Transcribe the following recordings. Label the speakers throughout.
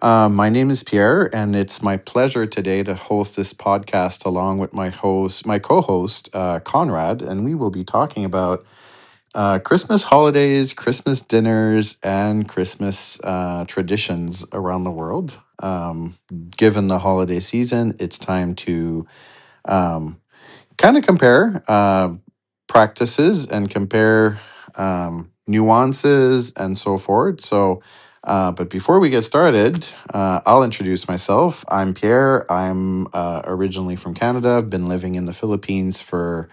Speaker 1: my name is Pierre, and it's my pleasure today to host this podcast along with my co-host, Conrad, and we will be talking about Christmas holidays, Christmas dinners, and Christmas traditions around the world. Given the holiday season, it's time to um, kind of compare practices and compare nuances and so forth. So, but before we get started, I'll introduce myself. I'm Pierre. I'm originally from Canada. I've been living in the Philippines for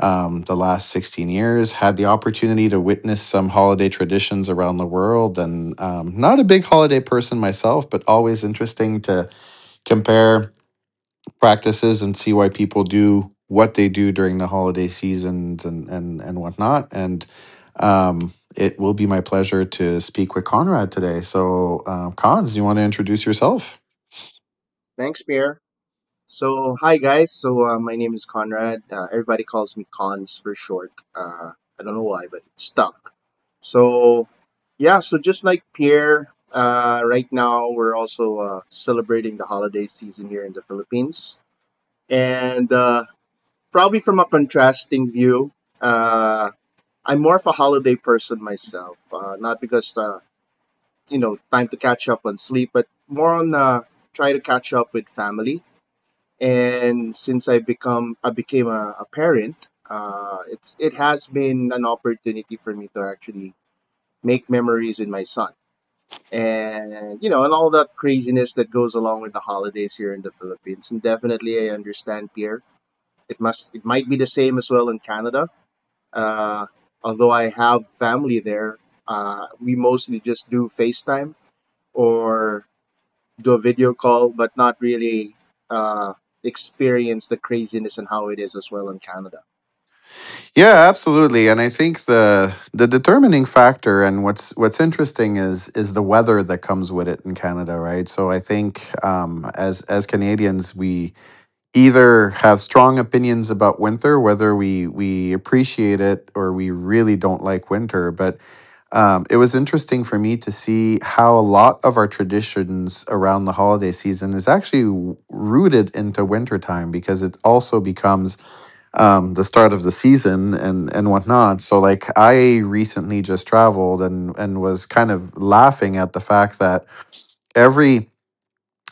Speaker 1: the last 16 years. Had the opportunity to witness some holiday traditions around the world, and not a big holiday person myself, but always interesting to compare practices and see why people do what they do during the holiday seasons and whatnot. And it will be my pleasure to speak with Conrad today. So, Cons, you want to introduce yourself?
Speaker 2: Thanks, Pierre. So, hi guys. So, my name is Conrad. Everybody calls me Cons for short. I don't know why, but it's stuck. So, yeah. So just like Pierre, right now we're also celebrating the holiday season here in the Philippines, and probably from a contrasting view, uh, I'm more of a holiday person myself. Not because time to catch up on sleep, but more on try to catch up with family, and since I became a parent, it has been an opportunity for me to actually make memories with my son, and and all that craziness that goes along with the holidays here in the Philippines. And definitely, I understand Pierre. It might be the same as well in Canada. Uh, Although I have family there, we mostly just do FaceTime or do a video call, but not really uh, experience the craziness and how it is as well in Canada.
Speaker 1: Yeah, absolutely. And I think the determining factor and what's interesting is the weather that comes with it in Canada, right? So I think as Canadians, we either have strong opinions about winter, whether we appreciate it or we really don't like winter. But it was interesting for me to see how a lot of our traditions around the holiday season is actually rooted into wintertime because it also becomes the start of the season and whatnot. So, like, I recently just traveled and was kind of laughing at the fact that every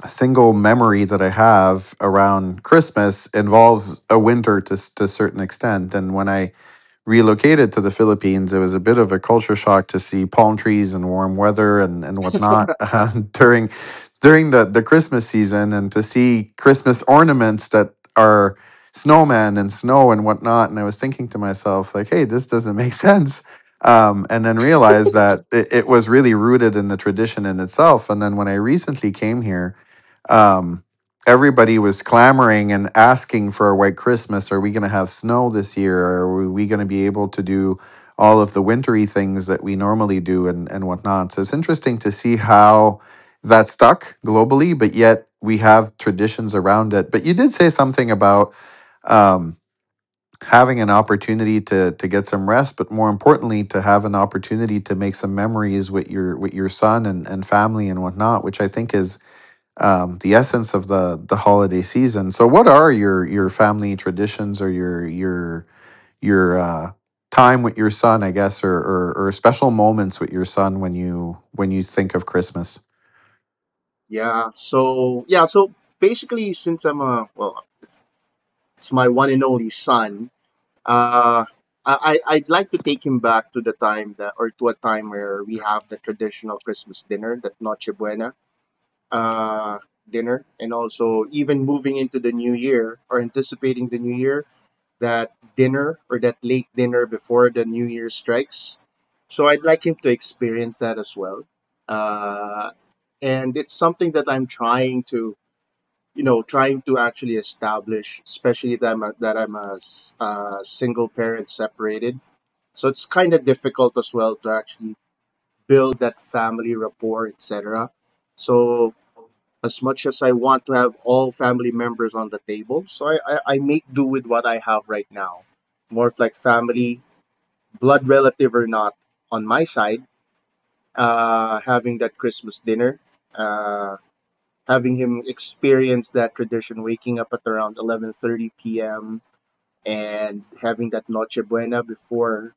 Speaker 1: single memory that I have around Christmas involves a winter to a certain extent. And when I relocated to the Philippines, it was a bit of a culture shock to see palm trees and warm weather and whatnot during during the Christmas season and to see Christmas ornaments that are snowmen and snow and whatnot. And I was thinking to myself, like, hey, this doesn't make sense. And then realized that it was really rooted in the tradition in itself. And then when I recently came here, um, everybody was clamoring and asking for a white Christmas. Are we going to have snow this year? Are we going to be able to do all of the wintry things that we normally do and whatnot? So it's interesting to see how that stuck globally, but yet we have traditions around it. But you did say something about um, having an opportunity to get some rest, but more importantly, to have an opportunity to make some memories with your son and family and whatnot, which I think is the essence of the holiday season. So, what are your family traditions or your time with your son, I guess, or special moments with your son when you think of Christmas?
Speaker 2: Yeah. So yeah. So basically, since I'm a well, it's my one and only son. Uh, I'd like to take him back to the time that or to a time where we have the traditional Christmas dinner, that Noche Buena uh, dinner, and also even moving into the new year, or anticipating the new year, that dinner or that late dinner before the New Year strikes. So I'd like him to experience that as well. Uh, and it's something that I'm trying to, actually establish, especially that I'm a single parent, separated. So it's kind of difficult as well to actually build that family rapport, etc. So as much as I want to have all family members on the table, so I make do with what I have right now. More of like family, blood relative or not, on my side, having that Christmas dinner, uh, having him experience that tradition, waking up at around 11:30 p.m. and having that Noche Buena before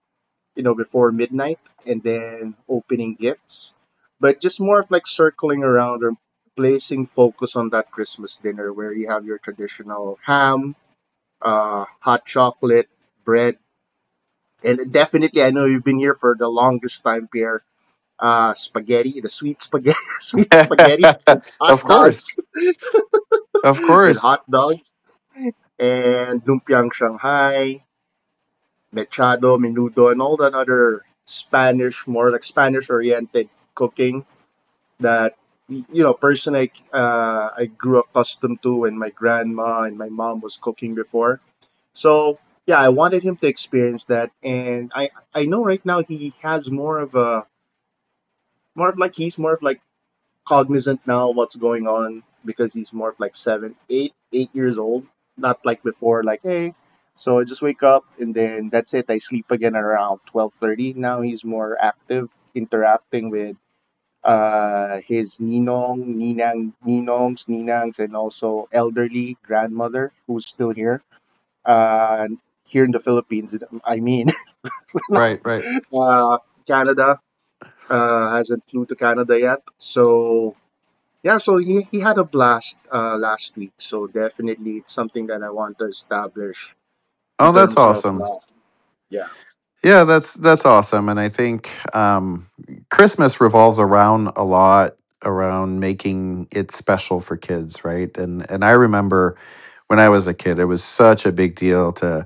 Speaker 2: you know, before midnight, and then opening gifts, but just more of like circling around or placing focus on that Christmas dinner where you have your traditional ham, hot chocolate, bread, and definitely I know you've been here for the longest time, Pierre. Spaghetti, the sweet spaghetti, sweet spaghetti with hot
Speaker 1: Of
Speaker 2: dogs,
Speaker 1: course, of
Speaker 2: with
Speaker 1: course,
Speaker 2: hot dogs, and lumpiang Shanghai, mechado, menudo, and all that other Spanish, more like Spanish oriented cooking that, person I grew accustomed to when my grandma and my mom was cooking before. So yeah, I wanted him to experience that, and I know right now he has more of a more of like he's more of like cognizant now what's going on, because he's more of like seven, eight years old, not like before like hey. So I just wake up and then that's it. I sleep again around 12:30. Now he's more active, interacting with his ninong, ninang, ninongs, ninangs, and also elderly grandmother who's still uh, here in the Philippines. I mean,
Speaker 1: right, right.
Speaker 2: uh, Canada, hasn't flew to Canada yet, so yeah. So he had a blast last week. So definitely, it's something that I want to establish in
Speaker 1: Oh, that's
Speaker 2: terms of.
Speaker 1: awesome.
Speaker 2: Yeah,
Speaker 1: Yeah, that's awesome, and I think um, Christmas revolves around a lot around making it special for kids, right? And I remember when I was a kid, it was such a big deal to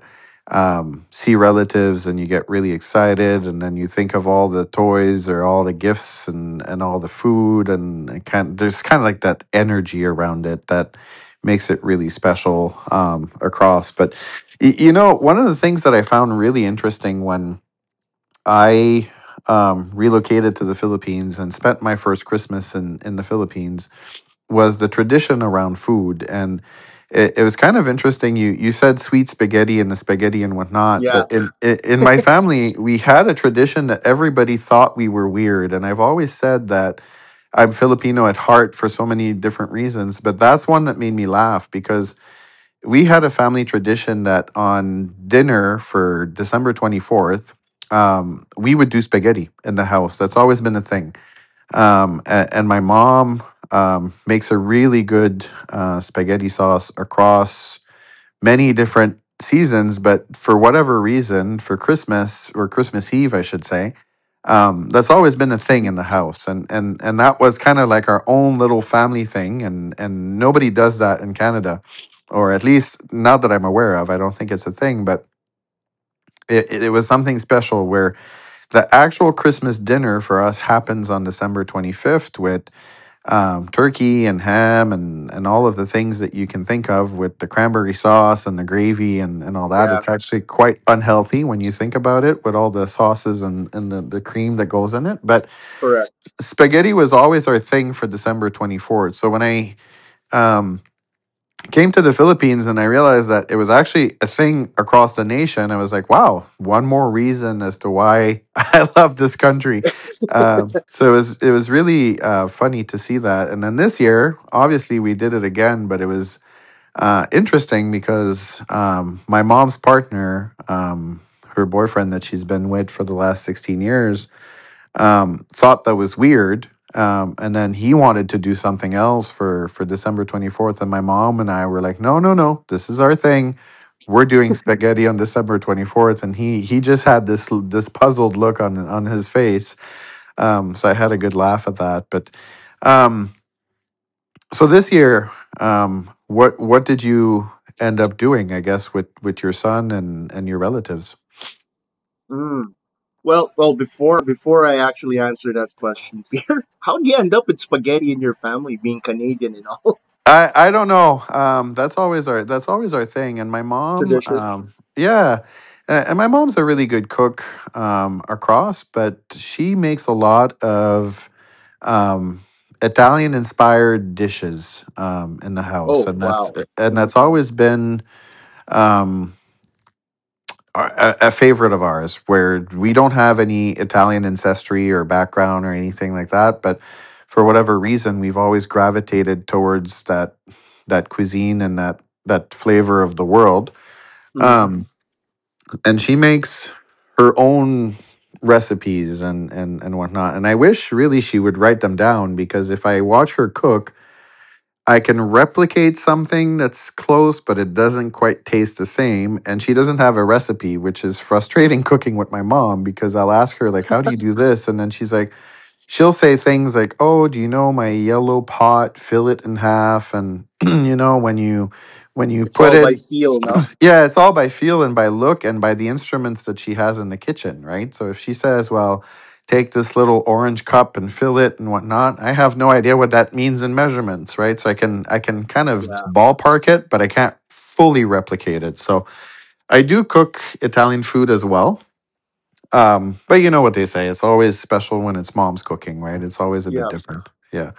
Speaker 1: see relatives, and you get really excited, and then you think of all the toys or all the gifts and all the food, and it kind there's kind of like that energy around it that makes it really special across. But one of the things that I found really interesting when I relocated to the Philippines and spent my first Christmas in the Philippines was the tradition around food. And it was kind of interesting. You said sweet spaghetti and the spaghetti and whatnot,
Speaker 2: yeah.
Speaker 1: but in my family, we had a tradition that everybody thought we were weird. And I've always said that I'm Filipino at heart for so many different reasons, but that's one that made me laugh because we had a family tradition that on dinner for December 24th, we would do spaghetti in the house. That's always been a thing. And my mom makes a really good spaghetti sauce across many different seasons, but for whatever reason, for Christmas or Christmas Eve, I should say, that's always been a thing in
Speaker 2: Mhm.
Speaker 1: the house, and that was kind of like our own little family thing, and nobody does that in Canada, or at least not that I'm aware of. I don't think it's a thing, but. It was something special where the actual Christmas dinner for us happens on December 25th with turkey and ham and all of the things that you can think of with the cranberry sauce and the gravy and all that.
Speaker 2: Yeah,
Speaker 1: It's actually quite unhealthy when you think about it with all the sauces and the cream that goes in it. But
Speaker 2: correct.
Speaker 1: spaghetti was always our thing for December 24th. So when I um, came to the Philippines and I realized that it was actually a thing across the nation. I was like, wow, one more reason as to why I love this country. So it was really funny to see that. And then this year, obviously, we did it again, but it was interesting because my mom's partner, her boyfriend that she's been with for the last 16 years, thought that was weird. And then he wanted to do something else for December 24th. And my mom and I were like, no, no, no, this is our thing. We're doing spaghetti on December 24th. And he just had this puzzled look on his face. So I had a good laugh at that. But, um, so this year, what did you end up doing, I guess, with your son and your relatives?
Speaker 2: Mm. Well, before I actually answer that question, Peter, how do you end up with spaghetti in your family, being Canadian and all
Speaker 1: I don't know. That's always our thing. And my mom,
Speaker 2: tradition?
Speaker 1: yeah, and my mom's a really good cook across, but she makes a lot of um, Italian inspired dishes in the house,
Speaker 2: Oh,
Speaker 1: and that's
Speaker 2: wow.
Speaker 1: and
Speaker 2: Hmm.
Speaker 1: that's always been. Um, a favorite of ours where we don't have any Italian ancestry or background or anything like that, but for whatever reason, we've always gravitated towards that cuisine and that flavor of the world.
Speaker 2: Hmm.
Speaker 1: Um, and she makes her own recipes and whatnot. And I wish really she would write them down because if I watch her cook, I can replicate something that's close, but it doesn't quite taste the same. And she doesn't have a recipe, which is frustrating cooking with my mom because I'll ask her, like, how do you do this? And then she'll say things like, oh, do you know my yellow pot, fill it in half. And, when you
Speaker 2: It's
Speaker 1: put
Speaker 2: all by
Speaker 1: it,
Speaker 2: feel, no?
Speaker 1: yeah, it's all by feel and by look and by the instruments that she has in the kitchen, right? So if she says, well, take this little orange cup and fill it and whatnot, I have no idea what that means in measurements, right? So I can kind of
Speaker 2: Yeah,
Speaker 1: ballpark it, but I can't fully replicate it. So I do cook Italian food as well. But you know what they say, it's always special when it's mom's cooking, right? It's always a bit
Speaker 2: yeah,
Speaker 1: different. Yeah.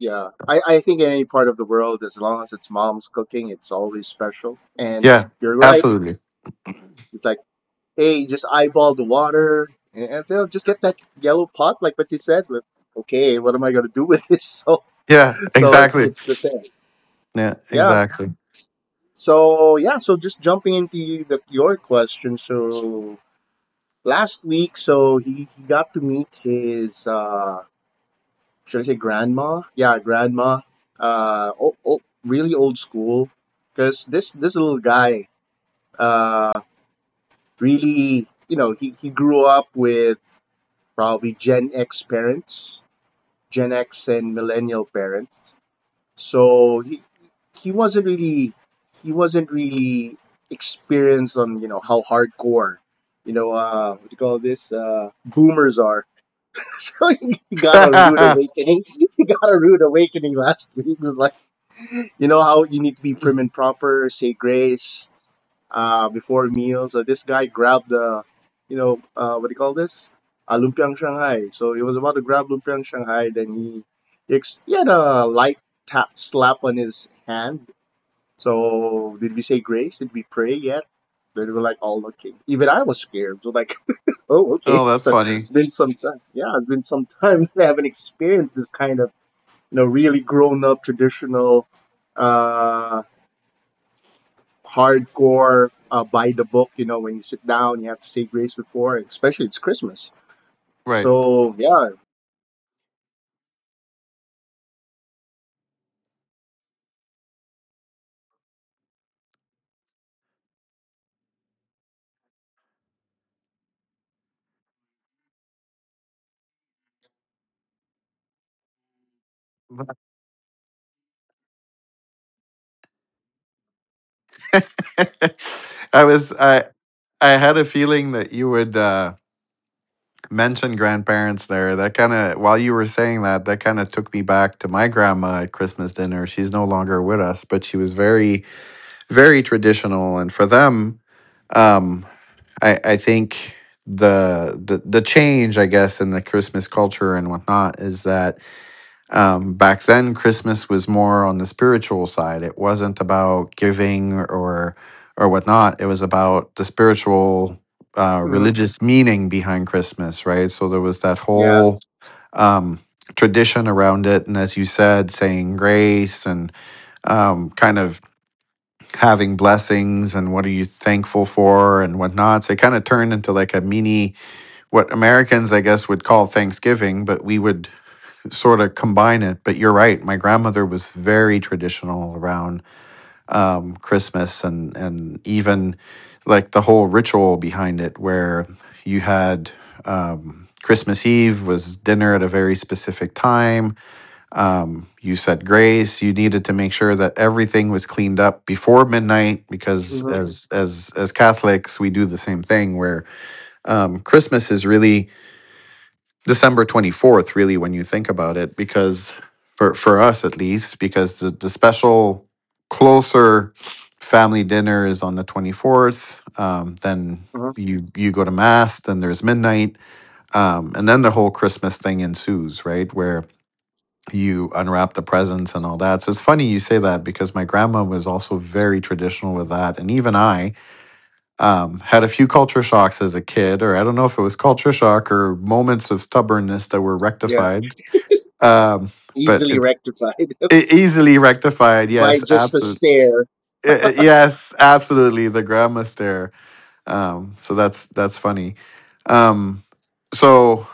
Speaker 2: yeah. I think in any part of the world, as long as it's mom's cooking, it's always special. And
Speaker 1: Yeah.
Speaker 2: you're right.
Speaker 1: Absolutely.
Speaker 2: It's like, hey, just eyeball the water, and they'll just get that yellow pot, like what you said. With okay, what am I gonna do with this? So,
Speaker 1: Yeah,
Speaker 2: so it's
Speaker 1: exactly.
Speaker 2: it's the thing.
Speaker 1: Yeah,
Speaker 2: Yeah,
Speaker 1: exactly.
Speaker 2: so yeah, so just jumping into your question. So last week, so he got to meet his should I say grandma? Yeah, grandma. Oh, really old school. Because this little guy, uh, really, he grew up with probably Gen X parents, Gen X and millennial parents. So he wasn't really he wasn't really experienced on, how hardcore, what do you call this, boomers are, so he got a rude
Speaker 1: Oh,
Speaker 2: awakening, he got a rude awakening last week. It was like, you know how you need to be prim and proper, say grace before meals. This guy grabbed the, what do you call this? Lumpiang Shanghai. So he was about to grab lumpiang Shanghai. Then he had a light tap slap on his hand. So did we say grace? Did we pray yet? They were like all looking. Even I was scared. So like, oh, okay.
Speaker 1: that's
Speaker 2: So it's
Speaker 1: funny.
Speaker 2: been some time. Yeah, it's been some time. I haven't experienced this kind of, really grown up traditional uh hardcore, by the book. You know, when you sit down, you have to say grace before, especially it's Christmas.
Speaker 1: Right.
Speaker 2: So yeah.
Speaker 1: I was I had a feeling that you would mention grandparents there. That kind of while you were saying that, that kind of took me back to my grandma at Christmas dinner. She's no longer with us, but she was very very traditional, and for them, um I think the change, I guess, in the Christmas culture and whatnot is that back then, Christmas was more on the spiritual side. It wasn't about giving or whatnot. It was about the spiritual,
Speaker 2: Hmm.
Speaker 1: religious meaning behind Christmas, right? So there was that
Speaker 2: Yeah.
Speaker 1: whole um, tradition around it, and as you said, saying grace and kind of having blessings and what are you thankful for and whatnot. So it kind of turned into like a mini what Americans, I guess, would call Thanksgiving, but we would sort of combine it. But you're right. My grandmother was very traditional around Christmas and even, like, the whole ritual behind it, where you had Christmas Eve was dinner at a very specific time. You said grace. You needed to make sure that everything was cleaned up before midnight because
Speaker 2: Hmm.
Speaker 1: as Catholics, we do the same thing where Christmas is really December 24th, really, when you think about it, because for us at least, because the special closer family dinner is on the 24th. Then
Speaker 2: Hmm.
Speaker 1: you go to mass, then there's midnight. And then the whole Christmas thing ensues, right? Where you unwrap the presents and all that. So it's funny you say that because my grandma was also very traditional with that. And even I, had a few culture shocks as a kid, or I don't know if it was culture shock or moments of stubbornness that were
Speaker 2: Yeah.
Speaker 1: rectified. Um, but
Speaker 2: Easily
Speaker 1: it's
Speaker 2: rectified
Speaker 1: easily rectified.
Speaker 2: by
Speaker 1: Yes,
Speaker 2: just a
Speaker 1: absolutely.
Speaker 2: stare.
Speaker 1: Yes, absolutely. The grandma stare. So that's funny. Um, so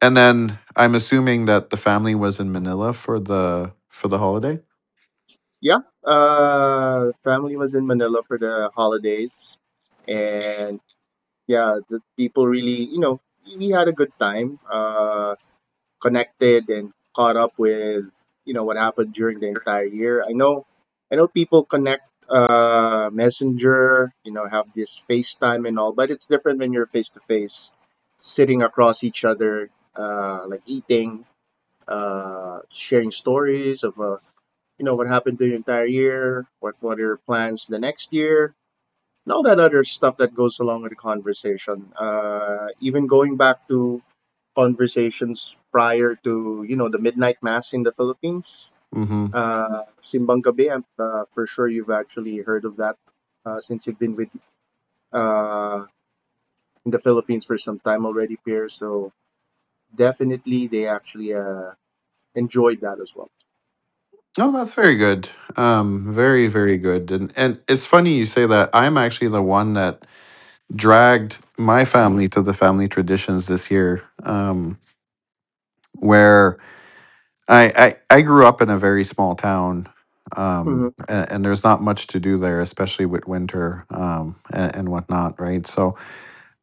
Speaker 1: and then I'm assuming that the family was in Manila for the holiday.
Speaker 2: Yeah. Family was in Manila for the holidays, and yeah, the people really, we had a good time. Connected and caught up with, what happened during the entire year. I know people connect, messenger, have this FaceTime and all, but it's different when you're face to face sitting across each other, like eating, sharing stories of, what happened the entire year, what are your plans the next year, and all that other stuff that goes along with the conversation. Even going back to conversations prior to, the midnight mass in the Philippines,
Speaker 1: Mm-hmm.
Speaker 2: Simbang Gabi. I'm for sure you've actually heard of that, since you've been with uh, in the Philippines for some time already, Pierre. So definitely they actually enjoyed that as well.
Speaker 1: Oh, that's very good. Very very good. And it's funny you say that. I'm actually the one that dragged my family to the family traditions this year, where I grew up in a very small town,
Speaker 2: Hmm.
Speaker 1: and there's not much to do there, especially with winter and whatnot, right? So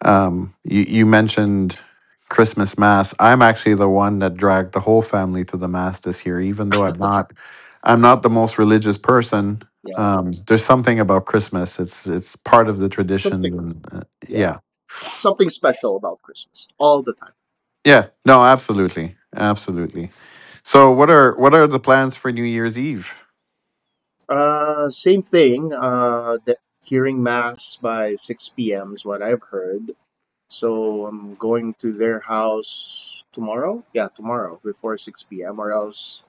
Speaker 1: you mentioned Christmas mass. I'm actually the one that dragged the whole family to the mass this year, even though I'm not the most religious person.
Speaker 2: Yeah,
Speaker 1: There's something about Christmas. It's part of the
Speaker 2: something.
Speaker 1: tradition, and
Speaker 2: Yeah,
Speaker 1: yeah,
Speaker 2: something special about Christmas all the time.
Speaker 1: Yeah. No, absolutely. Absolutely. So what are the plans for New Year's Eve?
Speaker 2: Same thing. That hearing mass by six p.m. is what I've heard. So I'm going to their house tomorrow. Yeah, tomorrow before six p.m. Or else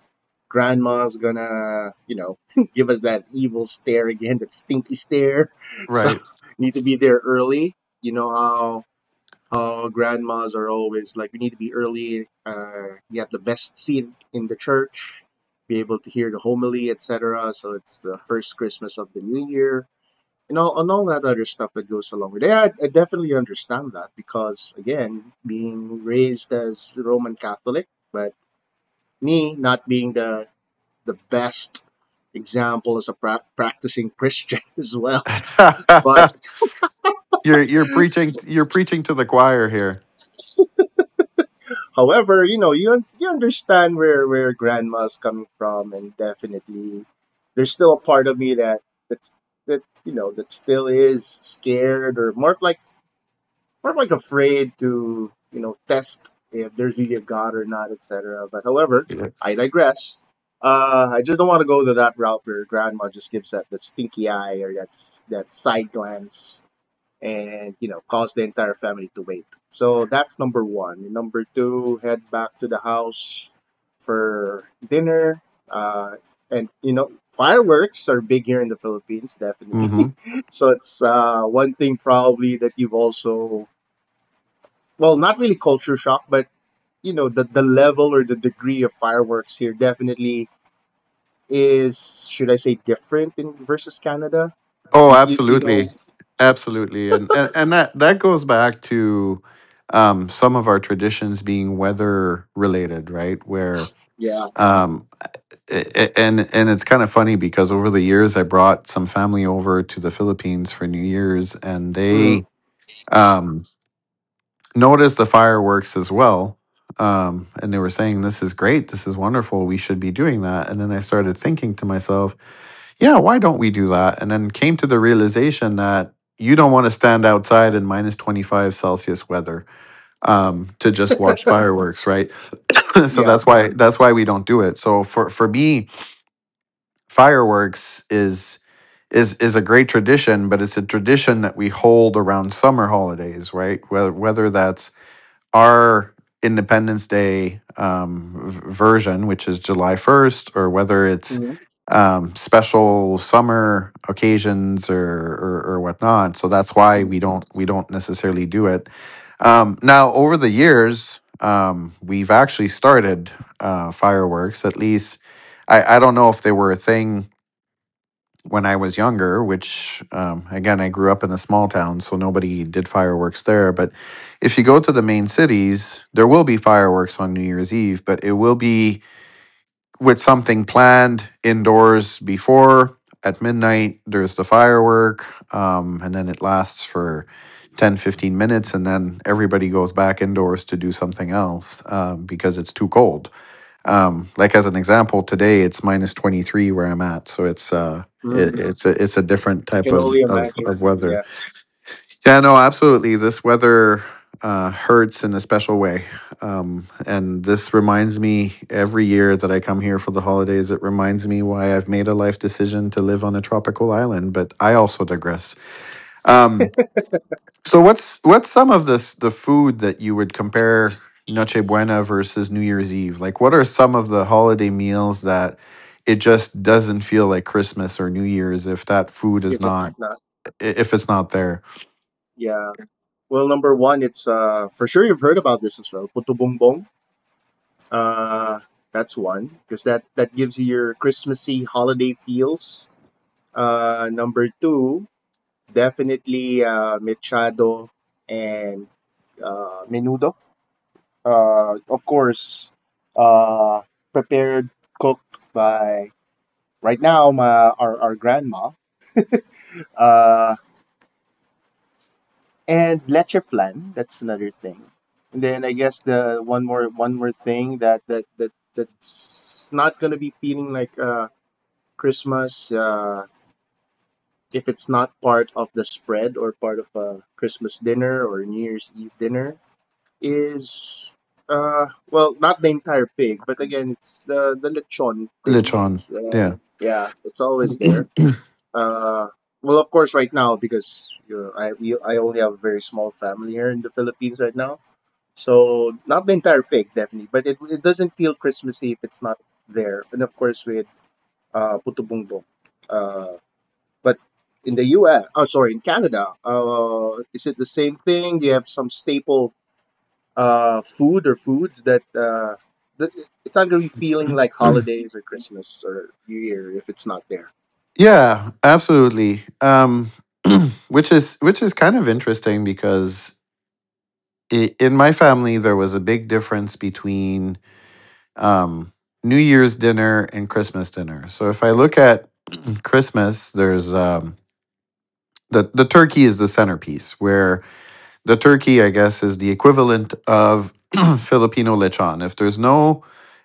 Speaker 2: grandma's gonna, give us that evil stare again, that stinky stare. So
Speaker 1: Right.
Speaker 2: need to be there early. You know how, grandmas are always like, we need to be early, get the best seat in the church, be able to hear the homily, etc. So it's the first Christmas of the new year, and all that other stuff that goes along with it. Yeah, I definitely understand that, because again, being raised as Roman Catholic, but me not being the best example as a practicing Christian as well. But
Speaker 1: You're preaching to the choir here.
Speaker 2: however, you understand where grandma's coming from, and definitely there's still a part of me that that's that you know that still is scared, or more of like afraid to, test if there's really a god or not, etc. But however,
Speaker 1: Yeah.
Speaker 2: I digress. I just don't want to go to that route where grandma just gives that stinky eye, or that side glance, and, cause the entire family to wait. So that's number one. Number two, head back to the house for dinner, uh, and, fireworks are big here in the Philippines, definitely.
Speaker 1: hmm
Speaker 2: So it's one thing probably that you've also, well, not really culture shock, but, the level or the degree of fireworks here definitely is, should I say, different in versus Canada.
Speaker 1: Oh,
Speaker 2: You
Speaker 1: absolutely.
Speaker 2: know,
Speaker 1: Absolutely. And that goes back to some of our traditions being weather related, right? Where
Speaker 2: yeah.
Speaker 1: um and it's kind of funny because over the years I brought some family over to the Philippines for New Year's and
Speaker 2: Mm,
Speaker 1: they um noticed the fireworks as well. And they were saying, "This is great. This is wonderful. We should be doing that." And then I started thinking to myself, "Yeah, why don't we do that?" And then came to the realization that you don't want to stand outside in minus 25 Celsius weather to just watch fireworks, right?
Speaker 2: yeah.
Speaker 1: That's why we don't do it. So for me, fireworks is a great tradition, but it's a tradition that we hold around summer holidays, right? Whether that's our Independence Day version, which is July 1st, or whether it's
Speaker 2: Mm,
Speaker 1: special summer occasions or whatnot. So that's why
Speaker 2: mm,
Speaker 1: we don't necessarily do it. Now, over the years, we've actually started fireworks. At least I don't know if they were a thing when I was younger, which again, I grew up in a small town, so nobody did fireworks there. But if you go to the main cities, there will be fireworks on New Year's Eve, but it will be with something planned indoors before at midnight. There's the firework, and then it lasts for 10, 15 minutes, and then everybody goes back indoors to do something else because it's too cold. Like as an example, today it's minus 23 where I'm at, so it's
Speaker 2: mm.
Speaker 1: it's a different
Speaker 2: I
Speaker 1: type
Speaker 2: can
Speaker 1: of
Speaker 2: only imagine.
Speaker 1: weather.
Speaker 2: Yeah,
Speaker 1: Yeah, no, absolutely. This weather hurts in a special way, and this reminds me every year that I come here for the holidays. It reminds me why I've made a life decision to live on a tropical island. But I also digress. Um, so what's some of this the food that you would compare Noche Buena versus New Year's Eve? Like what are some of the holiday meals that it just doesn't feel like Christmas or New Year's if that food is
Speaker 2: if
Speaker 1: not
Speaker 2: it's not.
Speaker 1: if it's not there.
Speaker 2: Yeah. Well, number one, it's for sure you've heard about this as well. Puto Bumbong. Uh, that's one because that gives you your Christmassy holiday feels. Number two, definitely mechado and menudo. Of course, uh prepared cooked by right now my our grandma. Uh and leche flan, that's another thing. And then I guess the one more thing that that's not gonna be feeling like Christmas if it's not part of the spread or part of a Christmas dinner or New Year's Eve dinner is well, not the entire pig, but again it's the lechon thing.
Speaker 1: Lechon.
Speaker 2: It's,
Speaker 1: Yeah.
Speaker 2: yeah, it's always there. uh, well, of course, right now, because you know, I only have a very small family here in the Philippines right now, so not the entire pig definitely, but it doesn't feel Christmassy if it's not there. And of course, with puto bumbong, uh, but in the U.S. Oh, sorry, in Canada, is it the same thing? Do you have some staple food or foods that that it's not gonna be feeling like holidays or Christmas or New Year if it's not there?
Speaker 1: Yeah, absolutely. Which is kind of interesting because I in my family there was a big difference between um, New Year's dinner and Christmas dinner. So if I look at Christmas, there's the turkey is the centerpiece, where the turkey, I guess, is the equivalent of Filipino lechon. If there's no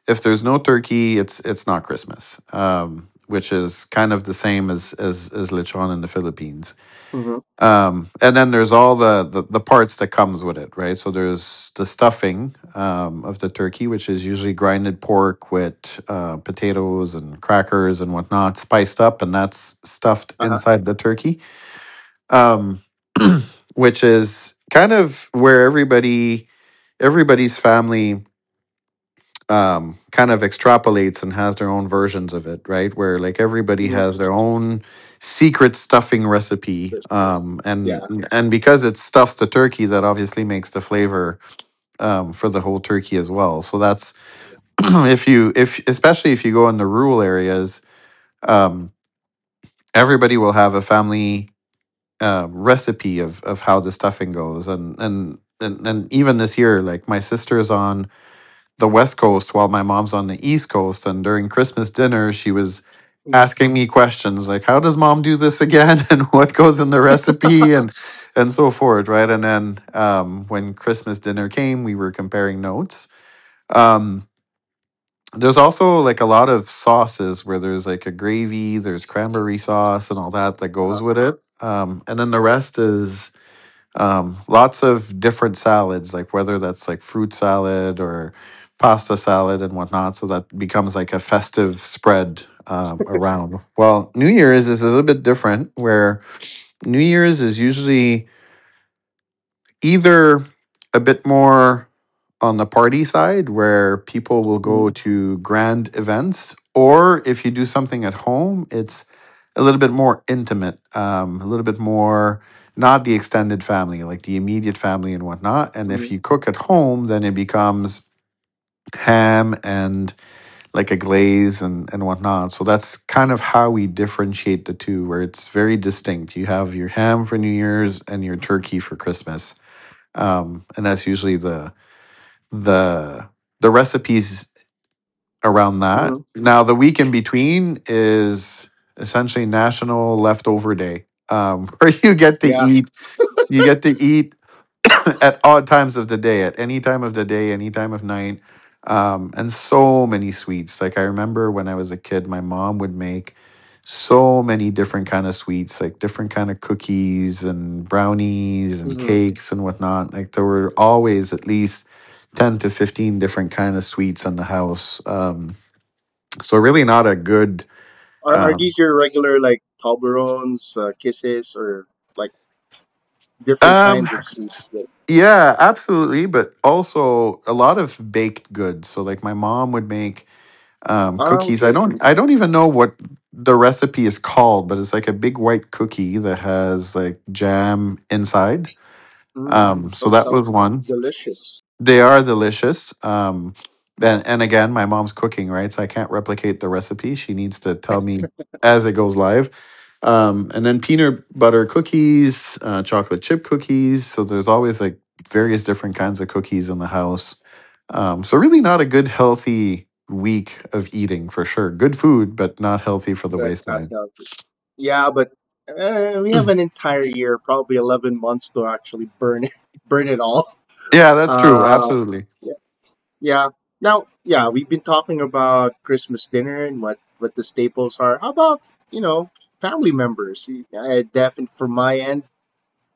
Speaker 1: turkey, it's not Christmas, which is kind of the same as lechon in the Philippines
Speaker 2: Mm-hmm.
Speaker 1: and then there's all the parts that comes with it, right? So there's the stuffing of the turkey, which is usually grinded pork with potatoes and crackers and whatnot, spiced up, and that's stuffed
Speaker 2: Uh
Speaker 1: inside the turkey um which is kind of where everybody's family kind of extrapolates and has their own versions of it, right? Where like everybody
Speaker 2: huh.
Speaker 1: has their own secret stuffing recipe,
Speaker 2: Yeah.
Speaker 1: and because it stuffs the turkey, that obviously makes the flavor for the whole turkey as well. So that's if especially if you go in the rural areas, um, everybody will have a family recipe of how the stuffing goes, and even this year, like my sister's on the West Coast while my mom's on the East Coast. And during Christmas dinner, she was
Speaker 2: hmm
Speaker 1: asking me questions like, "How does mom do this again?" and "What goes in the recipe?" And so forth, right? And then when Christmas dinner came, we were comparing notes. Um, there's also like a lot of sauces where there's like a gravy, there's cranberry sauce, and all that that
Speaker 2: uh
Speaker 1: goes with it. And then the rest is lots of different salads, like whether that's like fruit salad or pasta salad and whatnot. So that becomes like a festive spread around. Well, New Year's is a little bit different, where New Year's is usually either a bit more on the party side where people will
Speaker 2: hmm
Speaker 1: go to grand events, or if you do something at home, it's a little bit more intimate, a little bit more not the extended family, like the immediate family and whatnot. And if
Speaker 2: hmm
Speaker 1: you cook at home, then it becomes ham and like a glaze and whatnot. So that's kind of how we differentiate the two, where it's very distinct. You have your ham for New Year's and your turkey for Christmas and that's usually the the recipes around that.
Speaker 2: hmm
Speaker 1: Now, the week in between is essentially National Leftover Day, where you get to
Speaker 2: Yeah.
Speaker 1: eat. You get to eat at odd times of the day, at any time of the day, any time of night, and so many sweets. Like I remember when I was a kid, my mom would make so many different kind of sweets, like different kind of cookies and brownies and
Speaker 2: hmm
Speaker 1: cakes and whatnot. Like there were always at least 10 to 15 different kind of sweets in the house. So really not a good
Speaker 2: Are
Speaker 1: um
Speaker 2: these your regular like Toblerones, kisses, or like different
Speaker 1: um
Speaker 2: kinds of sweets? That...
Speaker 1: yeah, absolutely, but also a lot of baked goods. So like my mom would make
Speaker 2: Ah,
Speaker 1: cookies.
Speaker 2: okay.
Speaker 1: I don't even know what the recipe is called, but it's like a big white cookie that has like jam inside.
Speaker 2: Mm.
Speaker 1: Um, so
Speaker 2: Oh,
Speaker 1: that was
Speaker 2: sounds
Speaker 1: one.
Speaker 2: delicious,
Speaker 1: They are delicious. And again, my mom's cooking, right? So I can't replicate the recipe. She needs to tell me as it goes live. And then peanut butter cookies, chocolate chip cookies. So there's always like various different kinds of cookies in the house. So really not a good healthy week of eating for sure. Good food, but not healthy for the
Speaker 2: but not
Speaker 1: waistline.
Speaker 2: healthy. Yeah, but we have an entire year, probably 11 months, to actually burn it, burn it all.
Speaker 1: Yeah, that's true.
Speaker 2: Uh,
Speaker 1: Absolutely.
Speaker 2: Yeah. Now, yeah, we've been talking about Christmas dinner and what the staples are. How about you know family members? I definitely for my end,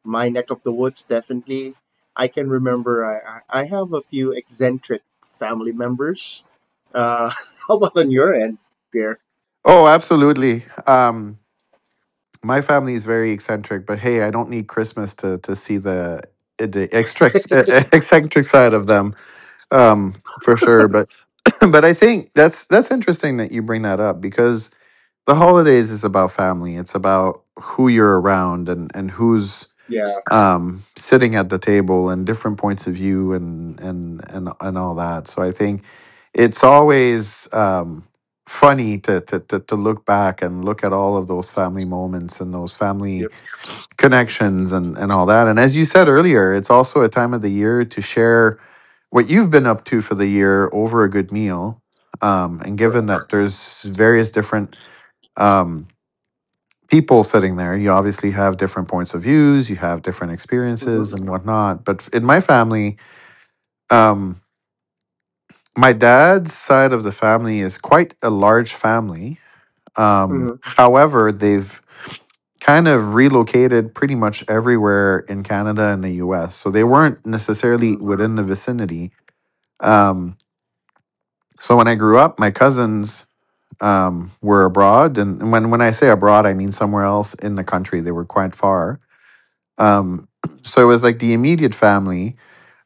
Speaker 2: my neck of the woods, definitely. I can remember. I have a few eccentric family members. Uh, how about on your end, Pierre?
Speaker 1: Oh, absolutely. My family is very eccentric, but hey, I don't need Christmas to see the the extra, eccentric side of them um, for sure. But but I think that's interesting that you bring that up because the holidays is about family. It's about who you're around and who's
Speaker 2: Yeah,
Speaker 1: sitting at the table and different points of view and all that. So I think it's always funny to to look back and look at all of those family moments and those family
Speaker 2: yep,
Speaker 1: connections and all that. And as you said earlier, it's also a time of the year to share what you've been up to for the year over a good meal. And given
Speaker 2: correct.
Speaker 1: that there's various different um, people sitting there, you obviously have different points of views, you have different
Speaker 2: Mm-hmm.
Speaker 1: experiences and whatnot. But in my family, um, my dad's side of the family is quite a large family.
Speaker 2: Mm-hmm.
Speaker 1: However, they've kind of relocated pretty much everywhere in Canada and the US. So they weren't necessarily within the vicinity. Um, so when I grew up, my cousins were abroad. And when, I say abroad, I mean somewhere else in the country. They were quite far. Um, so it was like the immediate family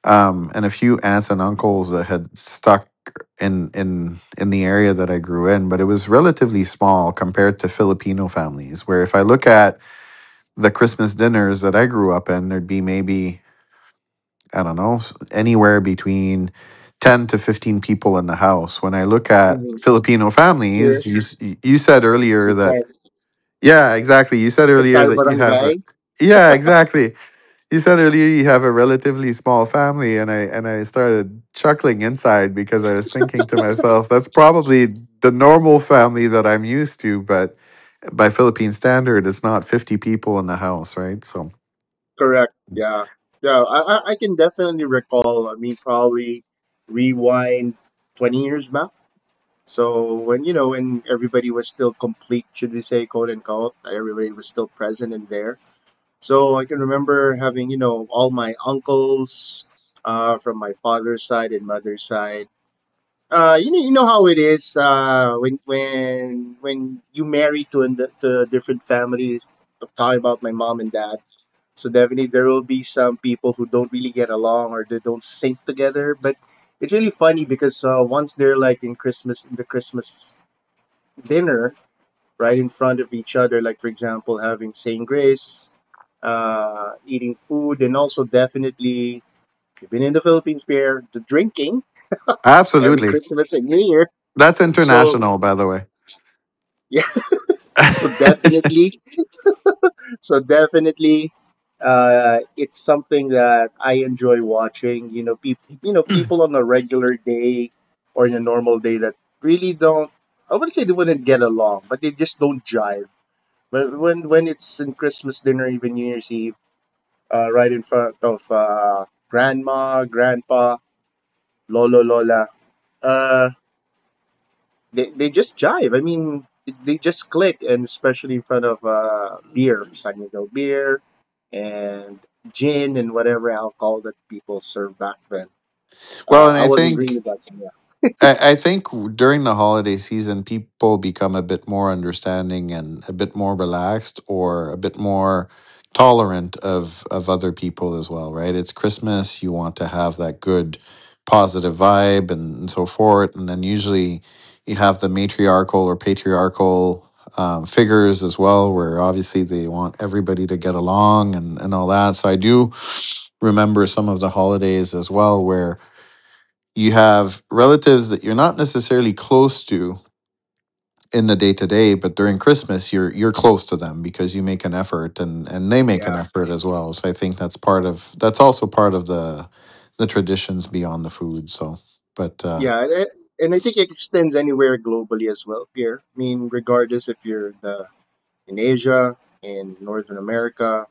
Speaker 1: and a few aunts and uncles that had stuck in the area that I grew in, but it was relatively small compared to Filipino families. Where if I look at the Christmas dinners that I grew up in, there'd be maybe I don't know anywhere between 10 to 15 people in the house. When I look at
Speaker 2: Mm-hmm.
Speaker 1: Filipino
Speaker 2: Here,
Speaker 1: families, you said earlier that
Speaker 2: entire
Speaker 1: yeah, exactly. You said earlier
Speaker 2: entire
Speaker 1: that you have a
Speaker 2: barangay.
Speaker 1: yeah, exactly you said earlier you have a relatively small family, and I started chuckling inside because I was thinking to myself, that's probably the normal family that I'm used to, but by Philippine standard, it's not 50 people in the house, right? So
Speaker 2: Correct. Yeah. Yeah. I can definitely recall. I mean, probably rewind 20 years back. So when, you know, when everybody was still complete, should we say, quote unquote, like, everybody was still present and there. So I can remember having, you know, all my uncles from my father's side and mother's side. You know how it is when when you marry to, to a different family. I'm talking about my mom and dad, so definitely there will be some people who don't really get along or they don't sync together. But it's really funny because once they're like in Christmas, in the Christmas dinner, right in front of each other, like for example having saying grace, eating food, and also definitely you've been in the Philippines, Pierre, the drinking every
Speaker 1: absolutely,
Speaker 2: Christmas and New Year.
Speaker 1: that's
Speaker 2: So
Speaker 1: international, by the way.
Speaker 2: yeah, so definitely. So definitely, it's something that I enjoy watching. You know, people on a regular day or in a normal day that really don't. I wouldn't say they wouldn't get along, but they just don't jive. But when it's in Christmas dinner, even New Year's Eve, right in front of grandma, grandpa, lolo, lola. Uh, they just jive. I mean, they just click, and especially in front of beer, San beer, and gin, and whatever alcohol that people serve back then.
Speaker 1: well, and
Speaker 2: I wasn't really back then. Yeah,
Speaker 1: I think during the holiday season, people become a bit more understanding and a bit more relaxed or a bit more tolerant of, other people as well, right? It's Christmas. You want to have that good, positive vibe and so forth. And then usually you have the matriarchal or patriarchal figures as well, where obviously they want everybody to get along and all that. So I do remember some of the holidays as well, where you have relatives that you're not necessarily close to in the day to day, but during Christmas you're close to them because you make an effort and they make an
Speaker 2: yeah,
Speaker 1: effort as well. So I think that's part of the traditions beyond the food. So, but
Speaker 2: yeah. And I think it extends anywhere globally as well. Beer. I mean, regardless if you're the in Asia, in Northern America.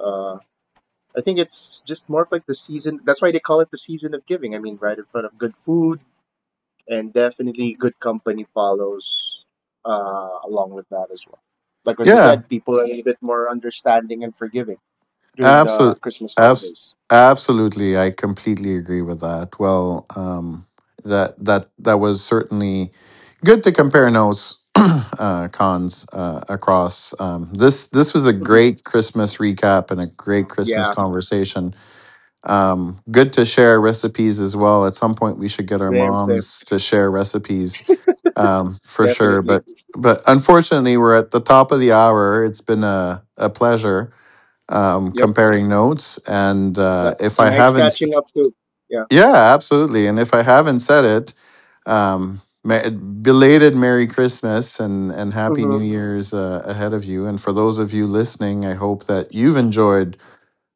Speaker 2: Uh, I think it's just more of like the season. That's why they call it the season of giving. I mean, right in front of good food, and definitely good company follows along with that as well. Like what you
Speaker 1: yeah,
Speaker 2: said, people are a bit more understanding and forgiving during the
Speaker 1: Absolutely,
Speaker 2: Christmas
Speaker 1: abs-
Speaker 2: holidays.
Speaker 1: absolutely. I completely agree with that. Well, that was certainly good to compare notes, cons across. This was a
Speaker 2: hmm
Speaker 1: great Christmas recap and a great Christmas
Speaker 2: Yeah,
Speaker 1: conversation. Good to share recipes as well. At some point, we should get our
Speaker 2: same,
Speaker 1: moms to share recipes for sure.
Speaker 2: definitely.
Speaker 1: But unfortunately, we're at the top of the hour. It's been a pleasure
Speaker 2: Yep,
Speaker 1: comparing notes. And
Speaker 2: yep.
Speaker 1: if I
Speaker 2: Nice
Speaker 1: haven't,
Speaker 2: catching up too. Yeah.
Speaker 1: said it, belated Merry Christmas and and Happy New
Speaker 2: Mm-hmm.
Speaker 1: Year's ahead of you. And for those of you listening, I hope that you've enjoyed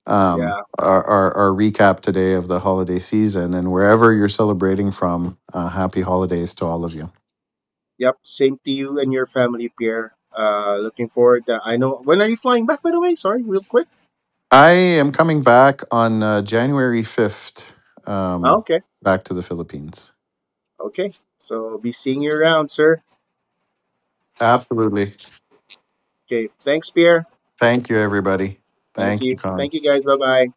Speaker 2: Yeah.
Speaker 1: our recap today of the holiday season. And wherever you're celebrating from, happy holidays to all of you.
Speaker 2: Yep. Same to you and your family, Pierre. Looking forward. To, I know. When are you flying back? By the way, sorry, real quick.
Speaker 1: I am coming back on January 5th,
Speaker 2: Ah,
Speaker 1: um,
Speaker 2: okay.
Speaker 1: back to the Philippines.
Speaker 2: Okay. So be seeing you around, sir.
Speaker 1: Absolutely.
Speaker 2: Okay. Thanks, Pierre.
Speaker 1: Thank you, everybody.
Speaker 2: Thank
Speaker 1: Thank you,
Speaker 2: you.
Speaker 1: Con.
Speaker 2: Thank you, guys. Bye bye.